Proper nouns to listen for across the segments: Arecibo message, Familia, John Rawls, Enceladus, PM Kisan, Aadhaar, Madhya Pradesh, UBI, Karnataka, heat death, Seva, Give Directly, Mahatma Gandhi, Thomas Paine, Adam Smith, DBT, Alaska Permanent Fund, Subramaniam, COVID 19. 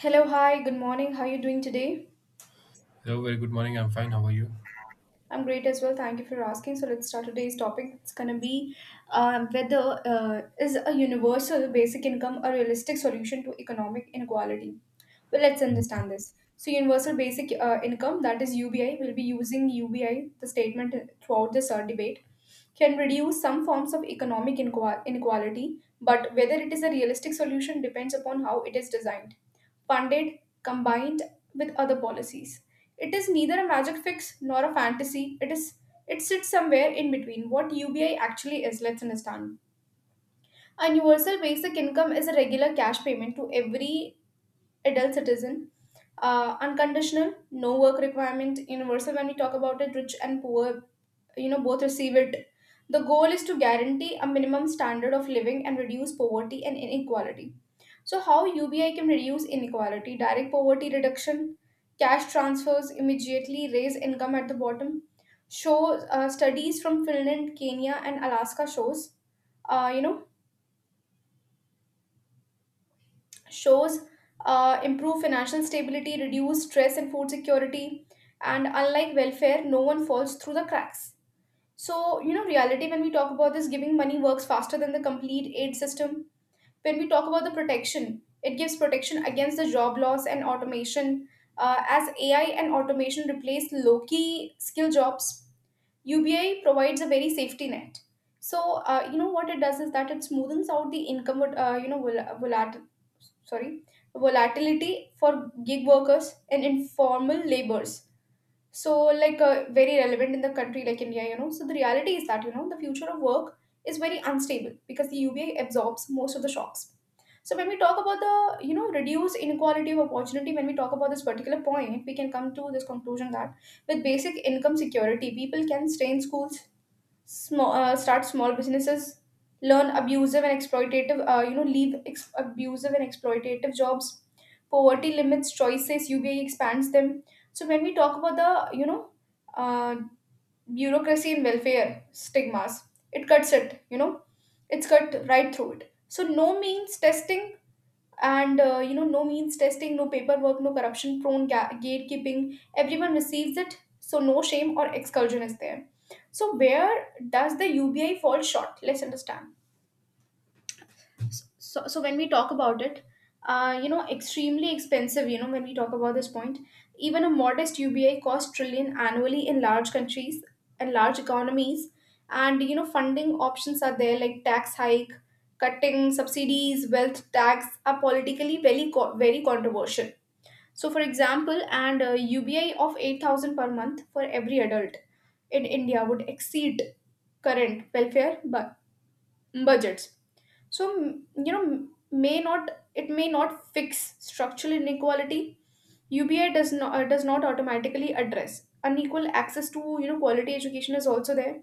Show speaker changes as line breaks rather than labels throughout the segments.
Hello, hi, good morning. How are you doing today?
Hello, very good morning. I'm fine. How are you?
I'm great as well. Thank you for asking. So let's start today's topic. It's gonna be whether, is a universal basic income a realistic solution to economic inequality. Well, let's understand this. So universal basic income, that is UBI, we'll be using UBI, the statement throughout this debate, can reduce some forms of economic inequality, but whether it is a realistic solution depends upon how it is designed, funded, combined with other policies. It is neither a magic fix nor a fantasy. It sits somewhere in between what UBI actually is. Let's understand. A universal basic income is a regular cash payment to every adult citizen. Unconditional, no work requirement, universal when we talk about it, rich and poor, you know, both receive it. The goal is to guarantee a minimum standard of living and reduce poverty and inequality. So, how UBI can reduce inequality? Direct poverty reduction, cash transfers immediately raise income at the bottom. Shows studies from Finland, Kenya, and Alaska shows, uh, you know, shows improve financial stability, reduce stress and food security, and unlike welfare, no one falls through the cracks. So, you know, reality when we talk about this, giving money works faster than the complete aid system when we talk about the protection. It gives protection against the job loss and automation, as AI and automation replace low key skill jobs. UBI provides a very safety net. So, you know what it does is that it smoothens out the income, you know vol- volat- sorry volatility for gig workers and informal labors. So, like, very relevant in the country like India. You know, so the reality is that, you know, the future of work is very unstable because the UBI absorbs most of the shocks. So when we talk about the, you know, reduce inequality of opportunity, when we talk about this particular point, we can come to this conclusion that with basic income security, people can stay in schools, start small businesses, learn abusive and exploitative, leave abusive and exploitative jobs. Poverty limits choices. UBI expands them. So when we talk about the, you know, uh, bureaucracy and welfare stigmas, it cuts it. You know, it's cut right through it. So no means testing and, you know, no means testing, no paperwork, no corruption prone gatekeeping, everyone receives it, so no shame or exclusion is there. So where does the UBI fall short? Let's understand. So when we talk about it, you know, extremely expensive, you know, when we talk about this point, even a modest UBI costs trillion annually in large countries and large economies. And you know, funding options are there like tax hike, cutting subsidies, wealth tax are politically very controversial. So, for example, and UBI of 8000 per month for every adult in India would exceed current welfare budgets. So, you know, may not it may not fix structural inequality. UBI does not, does not automatically address unequal access to, you know, quality education is also there.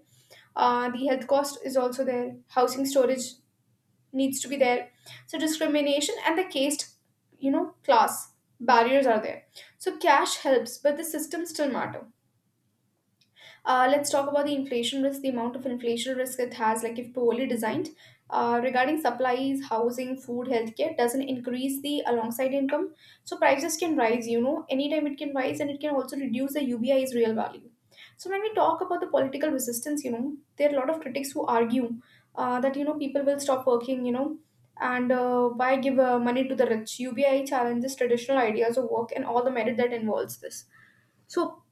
The health cost is also there, housing storage needs to be there. So discrimination and the caste, you know, class barriers are there. So cash helps but the system still matter. Let's talk about the inflation risk, the amount of inflation risk it has, like if poorly designed. Regarding supplies, housing, food, healthcare, doesn't increase the alongside income. So prices can rise, you know, anytime it can rise, and it can also reduce the UBI's real value. So when we talk about the political resistance, you know, there are a lot of critics who argue that, you know, people will stop working, you know, and why give money to the rich? UBI challenges traditional ideas of work and all the merit that involves this. So,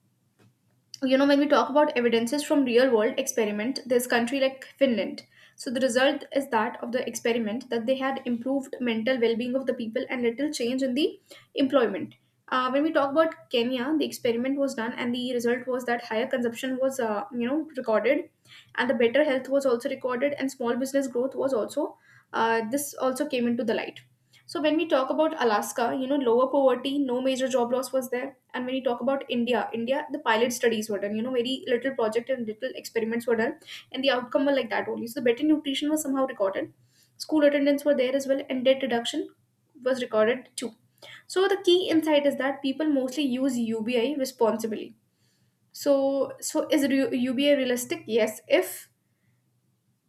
you know, when we talk about evidences from real world experiment, there's country like Finland. So the result is that of the experiment that they had, improved mental well-being of the people and little change in the employment. When we talk about Kenya, the experiment was done and the result was that higher consumption was, you know, recorded, and the better health was also recorded, and small business growth was also, this also came into the light. So when we talk about Alaska, you know, lower poverty, no major job loss was there. And when we talk about India, the pilot studies were done. You know, very little project and little experiments were done. And the outcome were like that only. So better nutrition was somehow recorded. School attendance were there as well. And debt reduction was recorded too. So the key insight is that people mostly use UBI responsibly. So, so is UBI realistic? Yes. If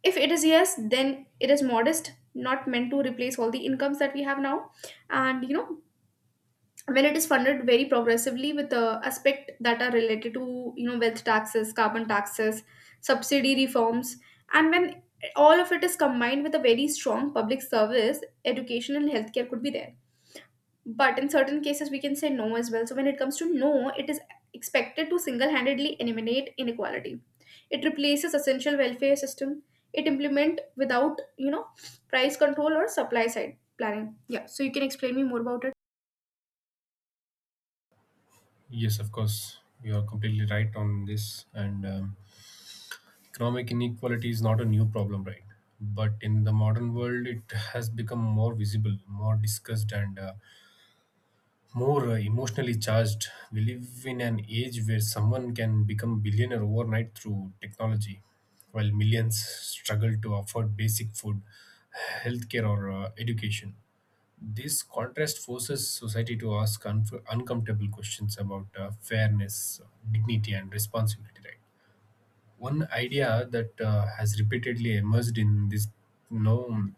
if it is yes, then it is modest, not meant to replace all the incomes that we have now. And, you know, when it is funded very progressively with aspect that are related to, you know, wealth taxes, carbon taxes, subsidy reforms, and when all of it is combined with a very strong public service, education and healthcare could be there. But in certain cases, we can say no as well. So when it comes to no, it is expected to single-handedly eliminate inequality. It replaces essential welfare system. It implement without, you know, price control or supply side planning. Yeah. So you can explain me more about it.
Yes, of course. You are completely right on this. And Economic inequality is not a new problem, right? But in the modern world, it has become more visible, more discussed, and more emotionally charged. We live in an age where someone can become billionaire overnight through technology, while millions struggle to afford basic food, healthcare, or education. This contrast forces society to ask uncomfortable questions about fairness, dignity, and responsibility. Right. One idea that has repeatedly emerged in this you know,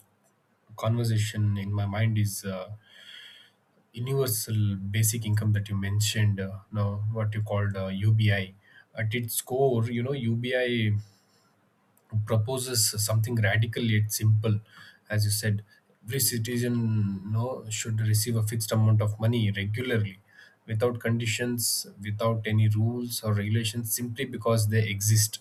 conversation in my mind is universal basic income that you mentioned. Now, what you called UBI. At its core, you know, UBI proposes something radical yet simple, as you said, every citizen, you know, should receive a fixed amount of money regularly, without conditions, without any rules or regulations, simply because they exist.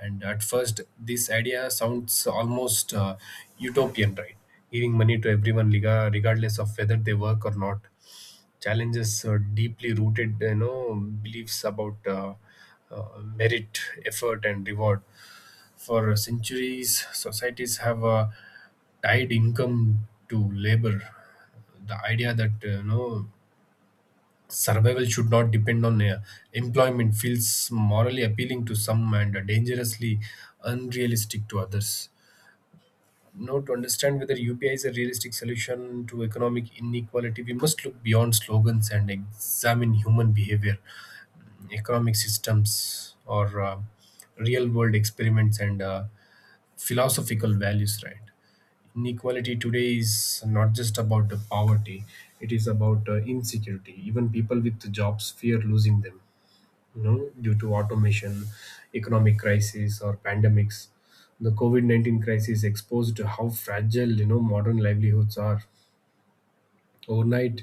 And at first this idea sounds almost utopian, right? Giving money to everyone regardless of whether they work or not challenges deeply rooted, you know, beliefs about merit, effort and reward. For centuries societies have tied income to labor. The idea that, you know, survival should not depend on employment feels morally appealing to some and dangerously unrealistic to others. Now, to understand whether UPI is a realistic solution to economic inequality, we must look beyond slogans and examine human behavior, economic systems, or real world experiments and philosophical values, right? Inequality today is not just about the poverty, it is about insecurity. Even people with jobs fear losing them, you know, due to automation, economic crisis, or pandemics. The COVID 19 crisis exposed how fragile, you know, modern livelihoods are. Overnight,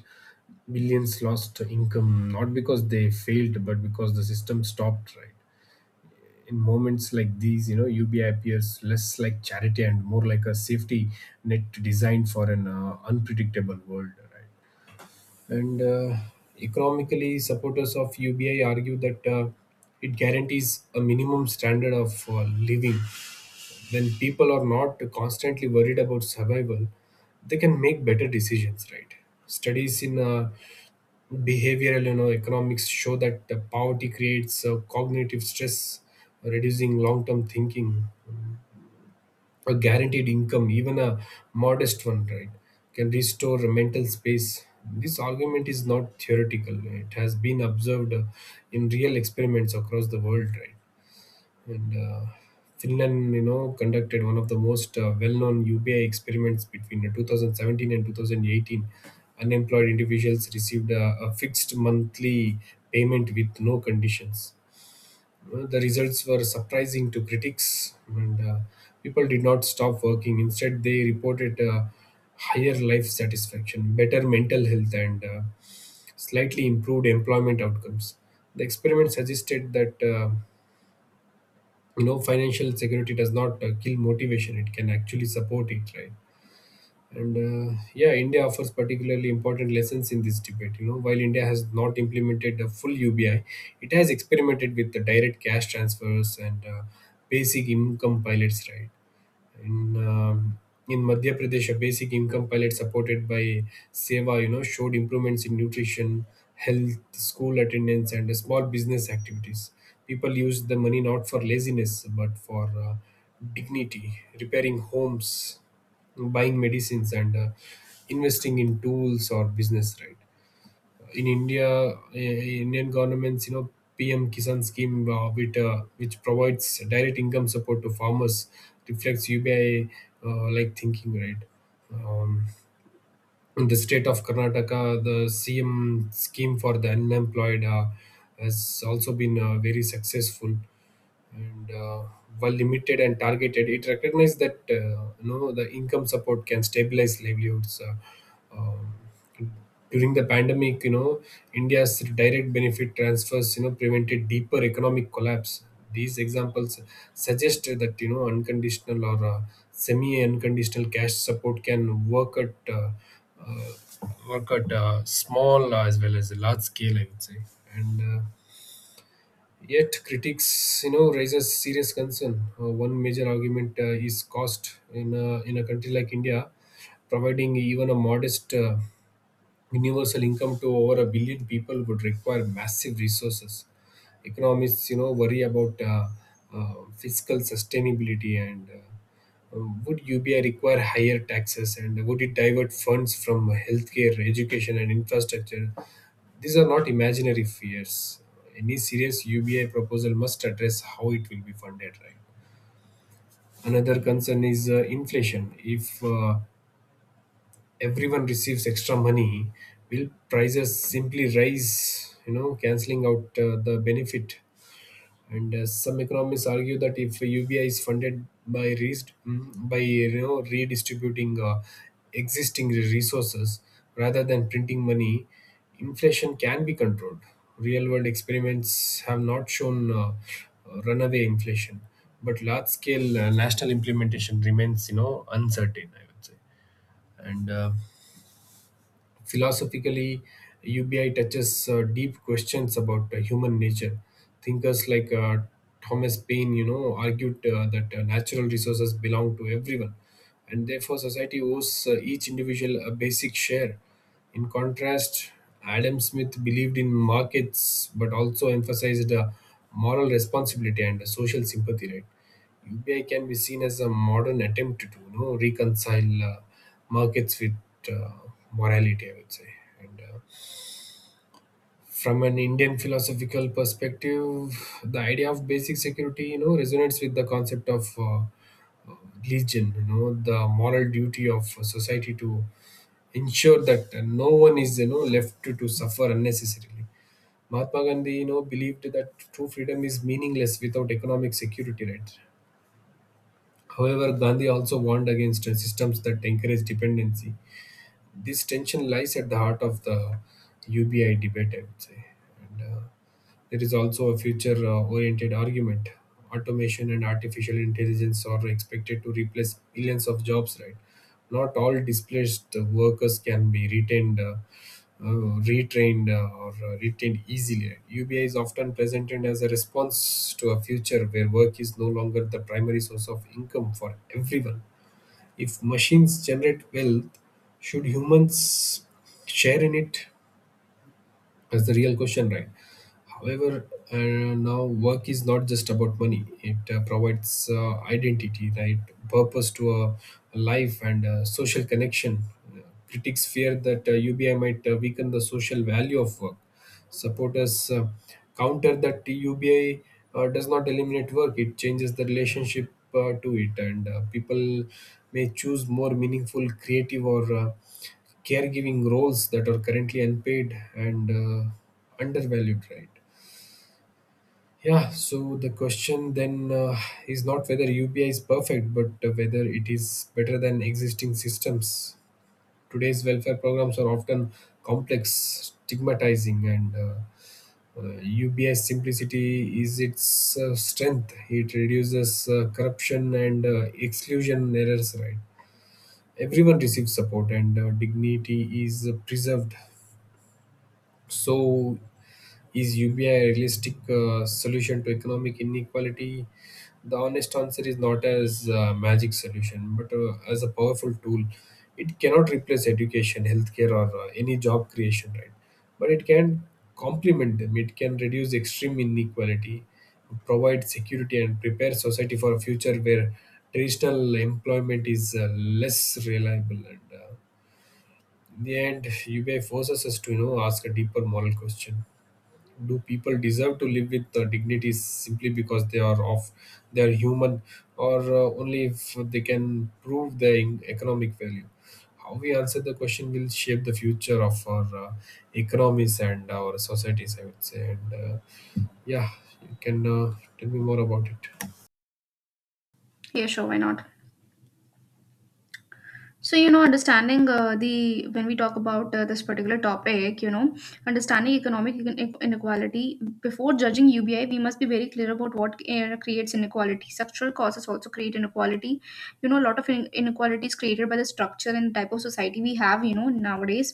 millions lost income, not because they failed, but because the system stopped, right? In moments like these, you know, UBI appears less like charity and more like a safety net designed for an unpredictable world, right? And Economically, supporters of UBI argue that it guarantees a minimum standard of living. When people are not constantly worried about survival, they can make better decisions, right? Studies in behavioral, you know, economics show that poverty creates cognitive stress, reducing long-term thinking. A guaranteed income, even a modest one, right, can restore mental space. This argument is not theoretical. It has been observed in real experiments across the world, right? And Finland, you know, conducted one of the most well-known UBI experiments between 2017 and 2018. Unemployed individuals received a fixed monthly payment with no conditions. The results were surprising to critics, and people did not stop working. Instead, they reported higher life satisfaction, better mental health, and slightly improved employment outcomes. The experiment suggested that, you know, financial security does not kill motivation; it can actually support it. Right. India offers particularly important lessons in this debate. You know, while India has not implemented a full UBI, it has experimented with the direct cash transfers and basic income pilots, right? in um, in Madhya Pradesh, a basic income pilot supported by Seva, you know, showed improvements in nutrition, health, school attendance, and small business activities. People used the money not for laziness but for dignity, repairing homes, buying medicines, and investing in tools or business. Right? In India, Indian government's, you know, PM Kisan scheme, which provides direct income support to farmers, reflects UBI, like thinking, right? Um, in the state of Karnataka, the CM scheme for the unemployed has also been very successful, and while limited and targeted, it recognized that, you know, the income support can stabilize livelihoods. During the pandemic, you know, India's direct benefit transfers, you know, prevented deeper economic collapse. These examples suggest that, you know, unconditional or semi-unconditional cash support can work at uh, small as well as a large scale, I would say. And Yet critics, you know, raises serious concern. One major argument is cost in in a country like India, providing even a modest universal income to over a billion people would require massive resources. Economists, you know, worry about fiscal sustainability, and would UBI require higher taxes and would it divert funds from healthcare, education, and infrastructure? These are not imaginary fears. Any serious UBI proposal must address how it will be funded, right? Another concern is inflation. If everyone receives extra money, will prices simply rise, you know, cancelling out the benefit? And some economists argue that if UBI is funded by by, you know, redistributing existing resources rather than printing money, inflation can be controlled. Real world experiments have not shown runaway inflation, but large scale national implementation remains, you know, uncertain, I would say. And Philosophically, UBI touches deep questions about human nature. Thinkers like Thomas Paine, you know, argued that natural resources belong to everyone, and therefore society owes each individual a basic share. In contrast, Adam Smith believed in markets but also emphasized moral responsibility and social sympathy, right? UPI can be seen as a modern attempt to, you know, reconcile markets with uh, morality, I would say. And From an Indian philosophical perspective, the idea of basic security, you know, resonates with the concept of legion, you know, the moral duty of society to ensure that no one is, you know, left to suffer unnecessarily. Mahatma Gandhi, you know, believed that true freedom is meaningless without economic security, right? However, Gandhi also warned against systems that encourage dependency. This tension lies at the heart of the UBI debate, I would say. And There is also a future oriented argument. Automation and artificial intelligence are expected to replace millions of jobs, right? Not all displaced workers can be retained. Retrained or retained easily. UBI is often presented as a response to a future where work is no longer the primary source of income for everyone. If machines generate wealth, should humans share in it? That's the real question, right? However, now work is not just about money. It provides identity, right, purpose to a life and social connection. Uh, Critics fear that UBI might weaken the social value of work. Supporters counter that UBI does not eliminate work; it changes the relationship to it, and people may choose more meaningful, creative, or caregiving roles that are currently unpaid and undervalued. Right. Yeah, so the question then, is not whether UPI is perfect, but whether it is better than existing systems. Today's welfare programs are often complex, stigmatizing, and UPI's simplicity is its strength. It reduces corruption and exclusion errors, right? Everyone receives support, and dignity is preserved. So, is UPI a realistic solution to economic inequality? The honest answer is not as a magic solution, but as a powerful tool. It cannot replace education, healthcare, or any job creation, right? But it can complement them. It can reduce extreme inequality, provide security, and prepare society for a future where traditional employment is less reliable. And In the end, UBI forces us to, you know, ask a deeper moral question: do people deserve to live with dignity simply because they are of they are human, or only if they can prove their economic value? How we answer the question will shape the future of our economies and our societies, I would say. And yeah you can tell me more about it.
Yeah. Sure. Why not? So, you know, understanding the when we talk about this particular topic, you know, understanding economic inequality before judging UBI, we must be very clear about what creates inequality. Structural causes also create inequality. You know, a lot of inequality is created by the structure and type of society we have. You know, nowadays,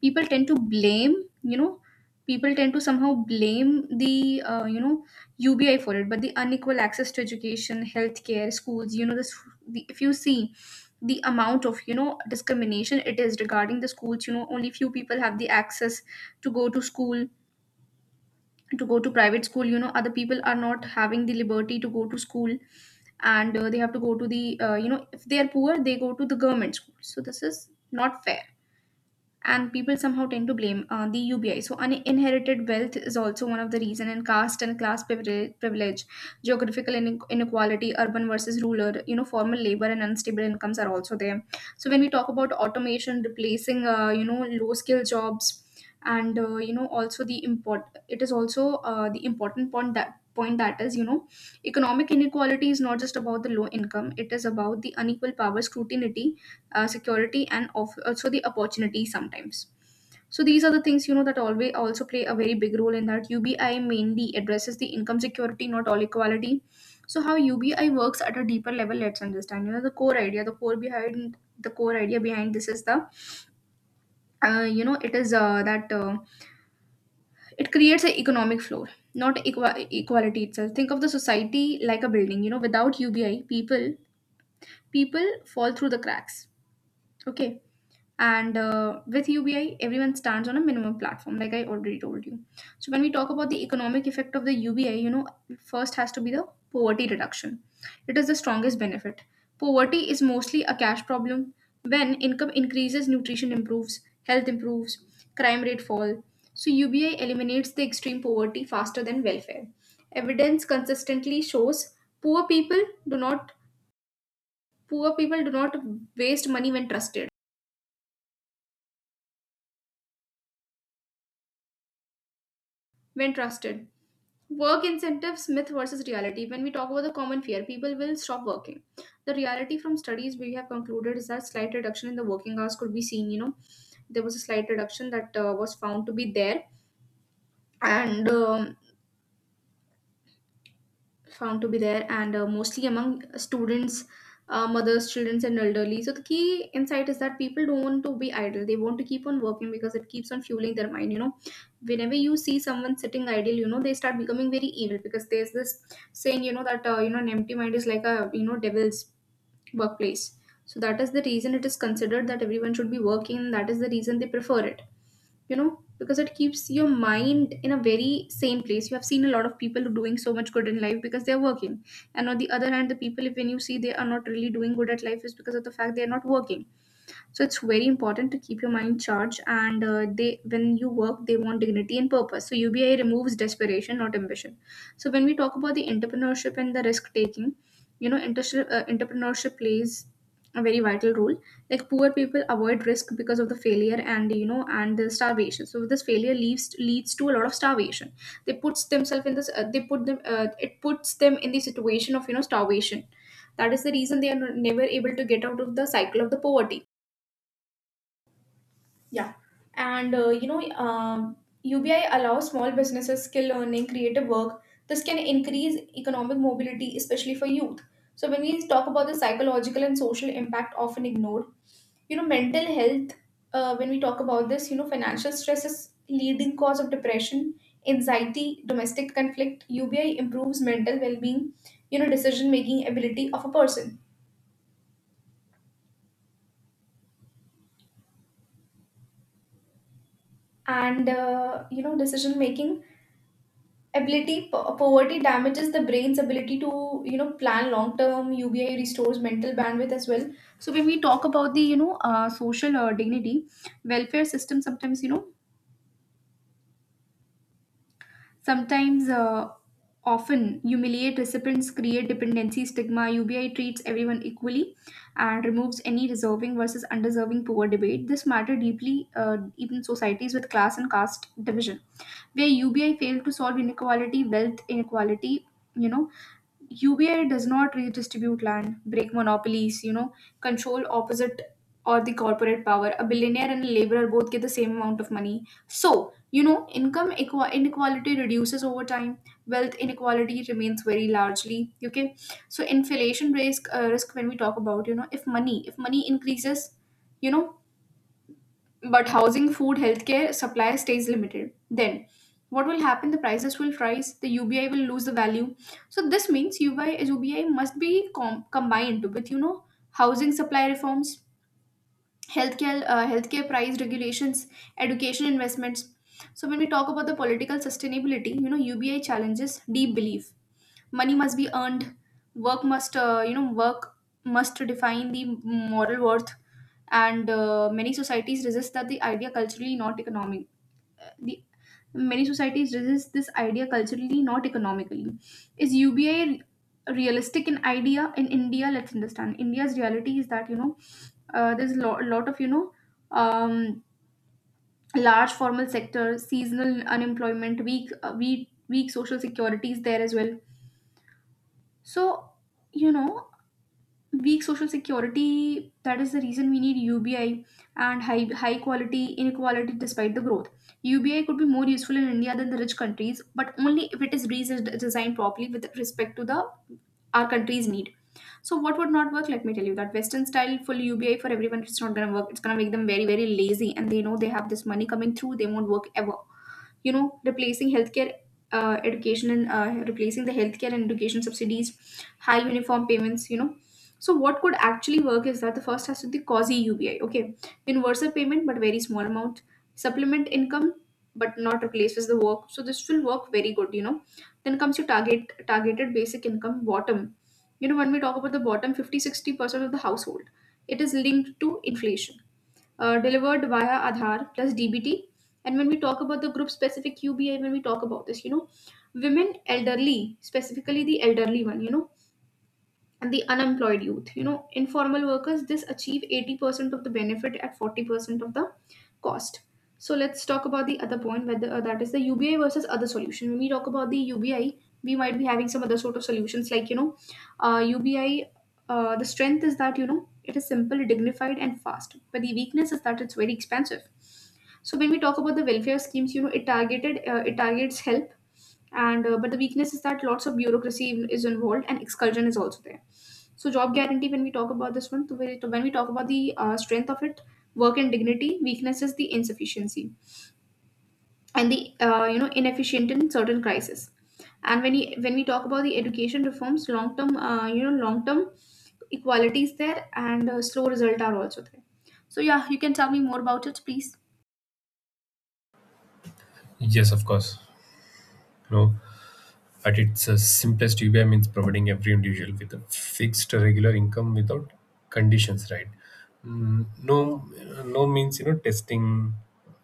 people tend to blame. You know, people tend to somehow blame the, you know, UBI for it, but the unequal access to education, healthcare, schools. You know, this the, if you see the amount of, you know, discrimination it is regarding the schools, you know, only few people have the access to go to school, to go to private school. You know, other people are not having the liberty to go to school, and they have to go to the, you know, if they are poor they go to the government school. So this is not fair, and people somehow tend to blame the UBI. So, inherited wealth is also one of the reason, and caste and class privilege, geographical inequality, urban versus rural, you know, formal labor and unstable incomes are also there. So when we talk about automation replacing, you know, low skill jobs, and you know, also the import, it is also the important point that is, you know, economic inequality is not just about the low income; it is about the unequal power, scrutiny, security and of, also the opportunity sometimes. So these are the things, you know, that always also play a very big role in that. UBI mainly addresses the income security, not all equality. So how UBI works at a deeper level, let's understand. You know, the core idea behind this is the, you know, it is, that, it creates an economic floor, not equality itself. Think of the society like a building. You know, without UBI, people fall through the cracks. Okay. And, with UBI, everyone stands on a minimum platform, like I already told you. So when we talk about the economic effect of the UBI, you know, first has to be the poverty reduction. It is the strongest benefit. Poverty is mostly a cash problem. When income increases, nutrition improves, health improves, crime rate fall. So UBI eliminates the extreme poverty faster than welfare. Evidence consistently shows poor people do not poor people do not waste money when trusted. Work incentives, myth versus reality. When we talk about the common fear, people will stop working. The reality from studies we have concluded is that slight reduction in the working hours could be seen. You know, there was a slight reduction that was found to be there, and um, and mostly among students, mothers, children and elderly. So the key insight is that people don't want to be idle, they want to keep on working because it keeps on fueling their mind, you know. Whenever you see someone sitting idle, you know they start becoming very evil because there's this saying, you know, that an empty mind is like a, devil's workplace. So that is the reason it is considered that everyone should be working, that is the reason they prefer it, you know, because it keeps your mind in a very sane place. You have seen a lot of people doing so much good in life because they're working, and on the other hand, the people, if when you see they are not really doing good at life, is because of the fact they're not working. So it's very important to keep your mind charged, and they, when you work, they want dignity and purpose. So UBI removes desperation, not ambition. So when we talk about the entrepreneurship and the risk taking, you know, entrepreneurship plays a very vital role. Like, poor people avoid risk because of the failure, and you know, and the starvation. So this failure leads to a lot of starvation. They puts themselves in this they put them it puts them in the situation of, you know, starvation. That is the reason they are never able to get out of the cycle of the poverty. Yeah. And UBI allows small businesses, skill learning, creative work. This can increase economic mobility, especially for youth. So when we talk about the psychological and social impact often ignored, you know, mental health, when we talk about this, you know, financial stress is leading cause of depression, anxiety, domestic conflict. UBI improves mental well-being, you know, decision-making ability of a person. And, you know, decision-making ability, poverty damages the brain's ability to, you know, plan long term. UBI restores mental bandwidth as well. So when we talk about the, social dignity, welfare system, sometimes, you know, sometimes often humiliate recipients, create dependency stigma. UBI treats everyone equally and removes any deserving versus undeserving poor debate. This matter deeply, even societies with class and caste division where UBI failed to solve inequality, wealth inequality, you know. UBI does not redistribute land, break monopolies, you know, control opposite or the corporate power. A billionaire and a laborer both get the same amount of money. So, you know, income inequality reduces over time. Wealth inequality remains very largely. Okay, so inflation risk, when we talk about, you know, if money, if money increases, you know, but housing, food, healthcare supply stays limited. Then what will happen? The prices will rise. The UBI will lose the value. So this means UBI must be combined with, you know, housing supply reforms, healthcare, healthcare price regulations, education investments. So when we talk about the political sustainability, you know, UBI challenges deep belief. Money must be earned. Work must, you know work must define the moral worth. And many societies resist that the idea culturally, not economic. Uh, the many societies resist this idea culturally, not economically. Is UBI realistic in idea in India? Let's understand, India's reality is that, you know, there's a lot of, you know, um, large formal sector, seasonal unemployment, weak, weak social security is there as well. So, you know, weak social security, that is the reason we need UBI. And high quality inequality despite the growth. UBI could be more useful in India than the rich countries, but only if it is designed properly with respect to the our country's need. So what would not work, let me tell you, that western style full UBI for everyone, it's not going to work. It's going to make them very, very lazy, and they know they have this money coming through, they won't work ever, you know. Replacing healthcare, education and replacing the healthcare and education subsidies, high uniform payments, you know. So what could actually work is that the first has to be quasi UBI, okay? Universal payment but very small amount, supplement income but not replaces the work. So this will work very good, you know. Then comes your targeted basic income bottom, you know. When we talk about the bottom 50 60% of the household, it is linked to inflation, delivered via Aadhaar plus DBT. And when we talk about the group specific QBI, when we talk about this, you know, women, elderly, specifically the elderly one, you know, and the unemployed youth, you know, informal workers, this achieve 80% of the benefit at 40% of the cost. So let's talk about the other point, whether that is the UBI versus other solution. When we talk about the UBI, we might be having some other sort of solutions like, you know, UBI. The strength is that, you know, it is simple, dignified, and fast. But the weakness is that it's very expensive. So when we talk about the welfare schemes, you know, it targeted, it targets help. And but the weakness is that lots of bureaucracy is involved, and exclusion is also there. So job guarantee, when we talk about this one, so when we talk about the strength of it, work and dignity. Weakness is the insufficiency and the, you know, inefficient in certain crisis. And when we talk about the education reforms, long term, long term equality is there, and slow result are also there. So yeah, you can tell me more about it please.
Yes, of course. No. At its simplest, UBI means providing every individual with a fixed regular income without conditions, right? No, no means, you know, testing,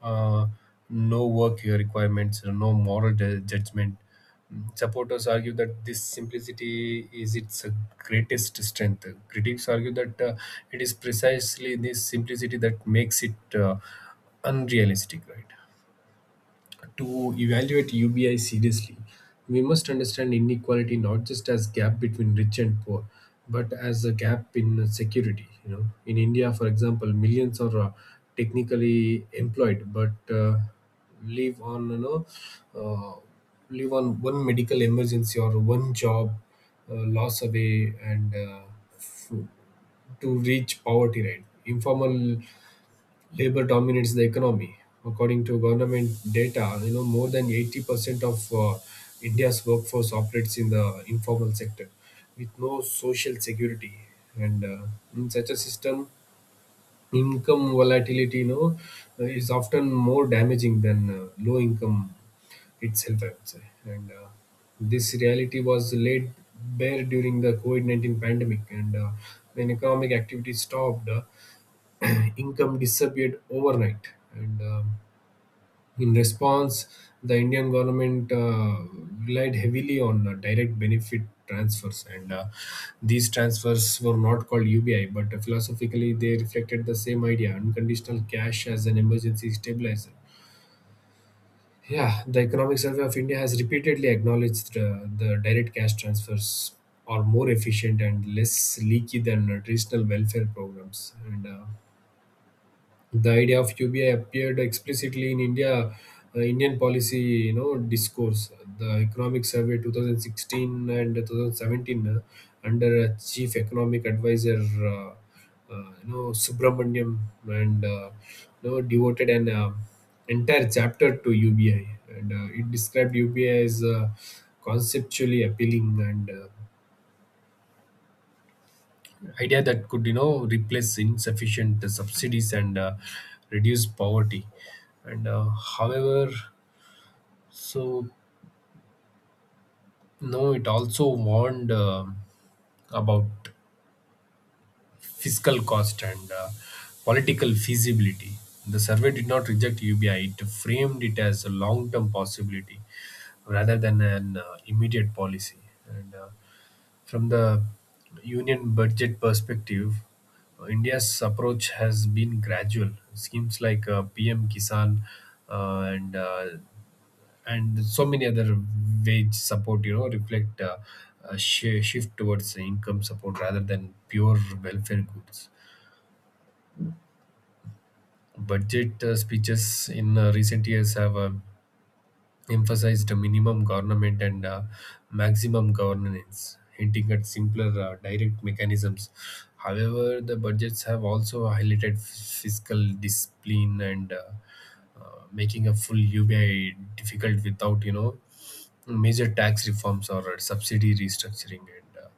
uh, no work requirements, no judgment. Supporters argue that this simplicity is its greatest strength. Critics argue that it is precisely this simplicity that makes it unrealistic, right? To evaluate UBI seriously, we must understand inequality not just as gap between rich and poor, but as a gap in security. You know, in India, for example, millions are technically employed, but live on, you know, uh, live on one medical emergency or one job loss away and f- to reach poverty. Right, informal labor dominates the economy. According to government data, you know, more than 80% of India's workforce operates in the informal sector with no social security. And In such a system, income volatility, you know, is often more damaging than low income itself, I would say. And This reality was laid bare during the COVID 19 pandemic. And When economic activity stopped, income disappeared overnight. And In response, the Indian government relied heavily on direct benefit transfers. And These transfers were not called UBI, but philosophically, they reflected the same idea, unconditional cash as an emergency stabilizer. Yeah, the Economic Survey of India has repeatedly acknowledged the direct cash transfers are more efficient and less leaky than traditional welfare programs. And The idea of UBI appeared explicitly in India, Indian policy, discourse. The Economic Survey 2016 and 2017 under Chief Economic Advisor, Subramaniam, and uh, devoted an entire chapter to UBI, and it described UBI as conceptually appealing and idea that could replace insufficient subsidies and reduce poverty and however, so no it also warned about fiscal cost and political feasibility. The survey did not reject UBI, it framed it as a long term possibility rather than an immediate policy. And From the union budget perspective, India's approach has been gradual. Schemes like PM Kisan uh, and uh, and so many other wage support reflect shift towards income support rather than pure welfare goods. Budget speeches in recent years have emphasized a minimum government and maximum governance, hinting at simpler direct mechanisms. However, the budgets have also highlighted fiscal discipline and making a full ubi difficult without major tax reforms or subsidy restructuring. And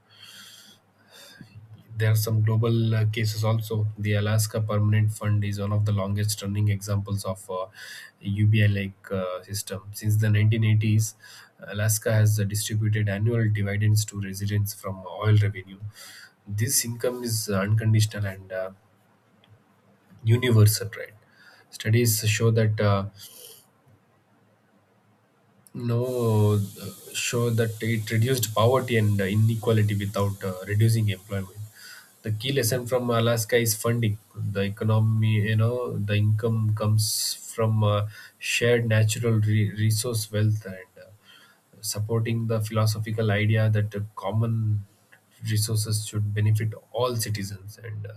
There are some global cases also. The Alaska Permanent Fund is one of the longest running examples of ubi like system since the 1980s. Alaska has distributed annual dividends to residents from oil revenue. This income is unconditional and universal, right? Studies show that no, uh, show that it reduced poverty and inequality without reducing employment. The key lesson from Alaska is funding. The economy, the income comes from shared natural resource wealth and supporting the philosophical idea that common resources should benefit all citizens. And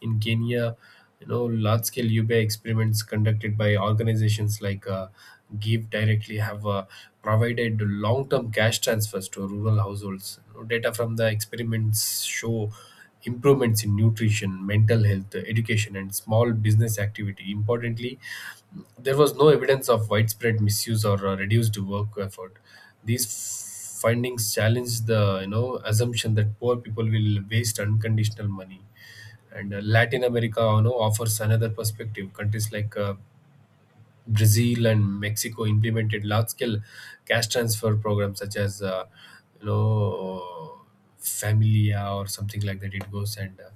In Kenya, large-scale UBI experiments conducted by organizations like Give Directly have provided long-term cash transfers to rural households. You know, data from the experiments show improvements in nutrition, mental health, education, and small business activity. Importantly, there was no evidence of widespread misuse or reduced work effort. These findings challenge the assumption that poor people will waste unconditional money. And Latin America, you know, offers another perspective. Countries like Brazil and Mexico implemented large-scale cash transfer programs such as you know Familia or something like that. It goes, and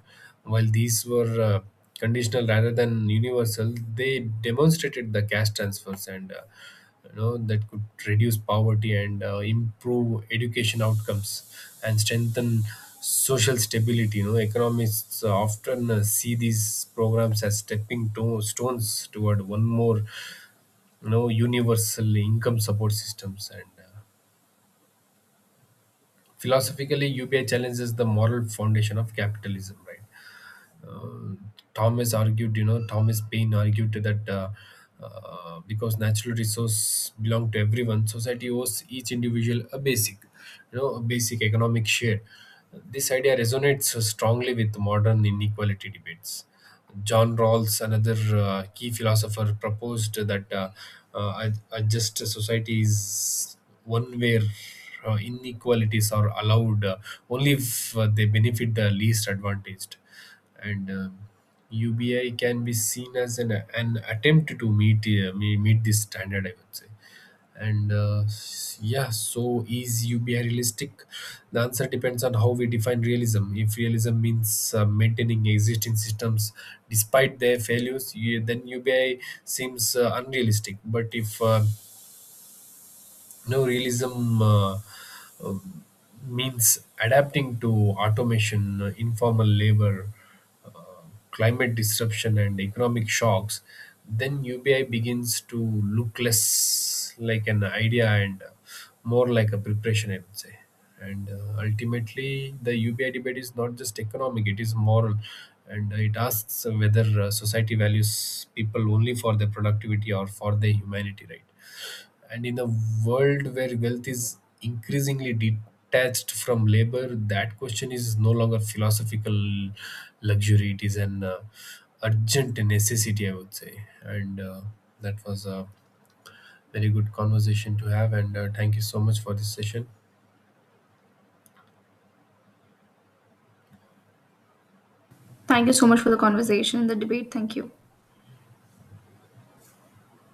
while these were conditional rather than universal, they demonstrated the cash transfers and that could reduce poverty and improve education outcomes and strengthen social stability. You know, economists often see these programs as stepping stones toward one more, universal income support systems. And Philosophically, UPI challenges the moral foundation of capitalism, right? Thomas Paine argued that because natural resource belong to everyone, society owes each individual a basic, a basic economic share. This idea resonates strongly with modern inequality debates. John Rawls, another key philosopher, proposed that a just society is one where inequalities are allowed only if they benefit the least advantaged, and UBI can be seen as an attempt to meet meet this standard, I would say. Yeah, so is UBI realistic? The answer depends on how we define realism. If realism means maintaining existing systems despite their failures, you, then UBI seems unrealistic. But if no, realism uh, means adapting to automation, informal labor, uh, climate disruption and economic shocks, then ubi begins to look less like an idea and more like a preparation, I would say. And Ultimately, the ubi debate is not just economic, it is moral, and it asks whether society values people only for their productivity or for their humanity, right? And in a world where wealth is increasingly detached from labor, that question is no longer philosophical luxury. It is an urgent necessity, I would say. And That was a very good conversation to have. And Thank you so much for this session.
Thank you so much for the conversation and the debate. Thank you.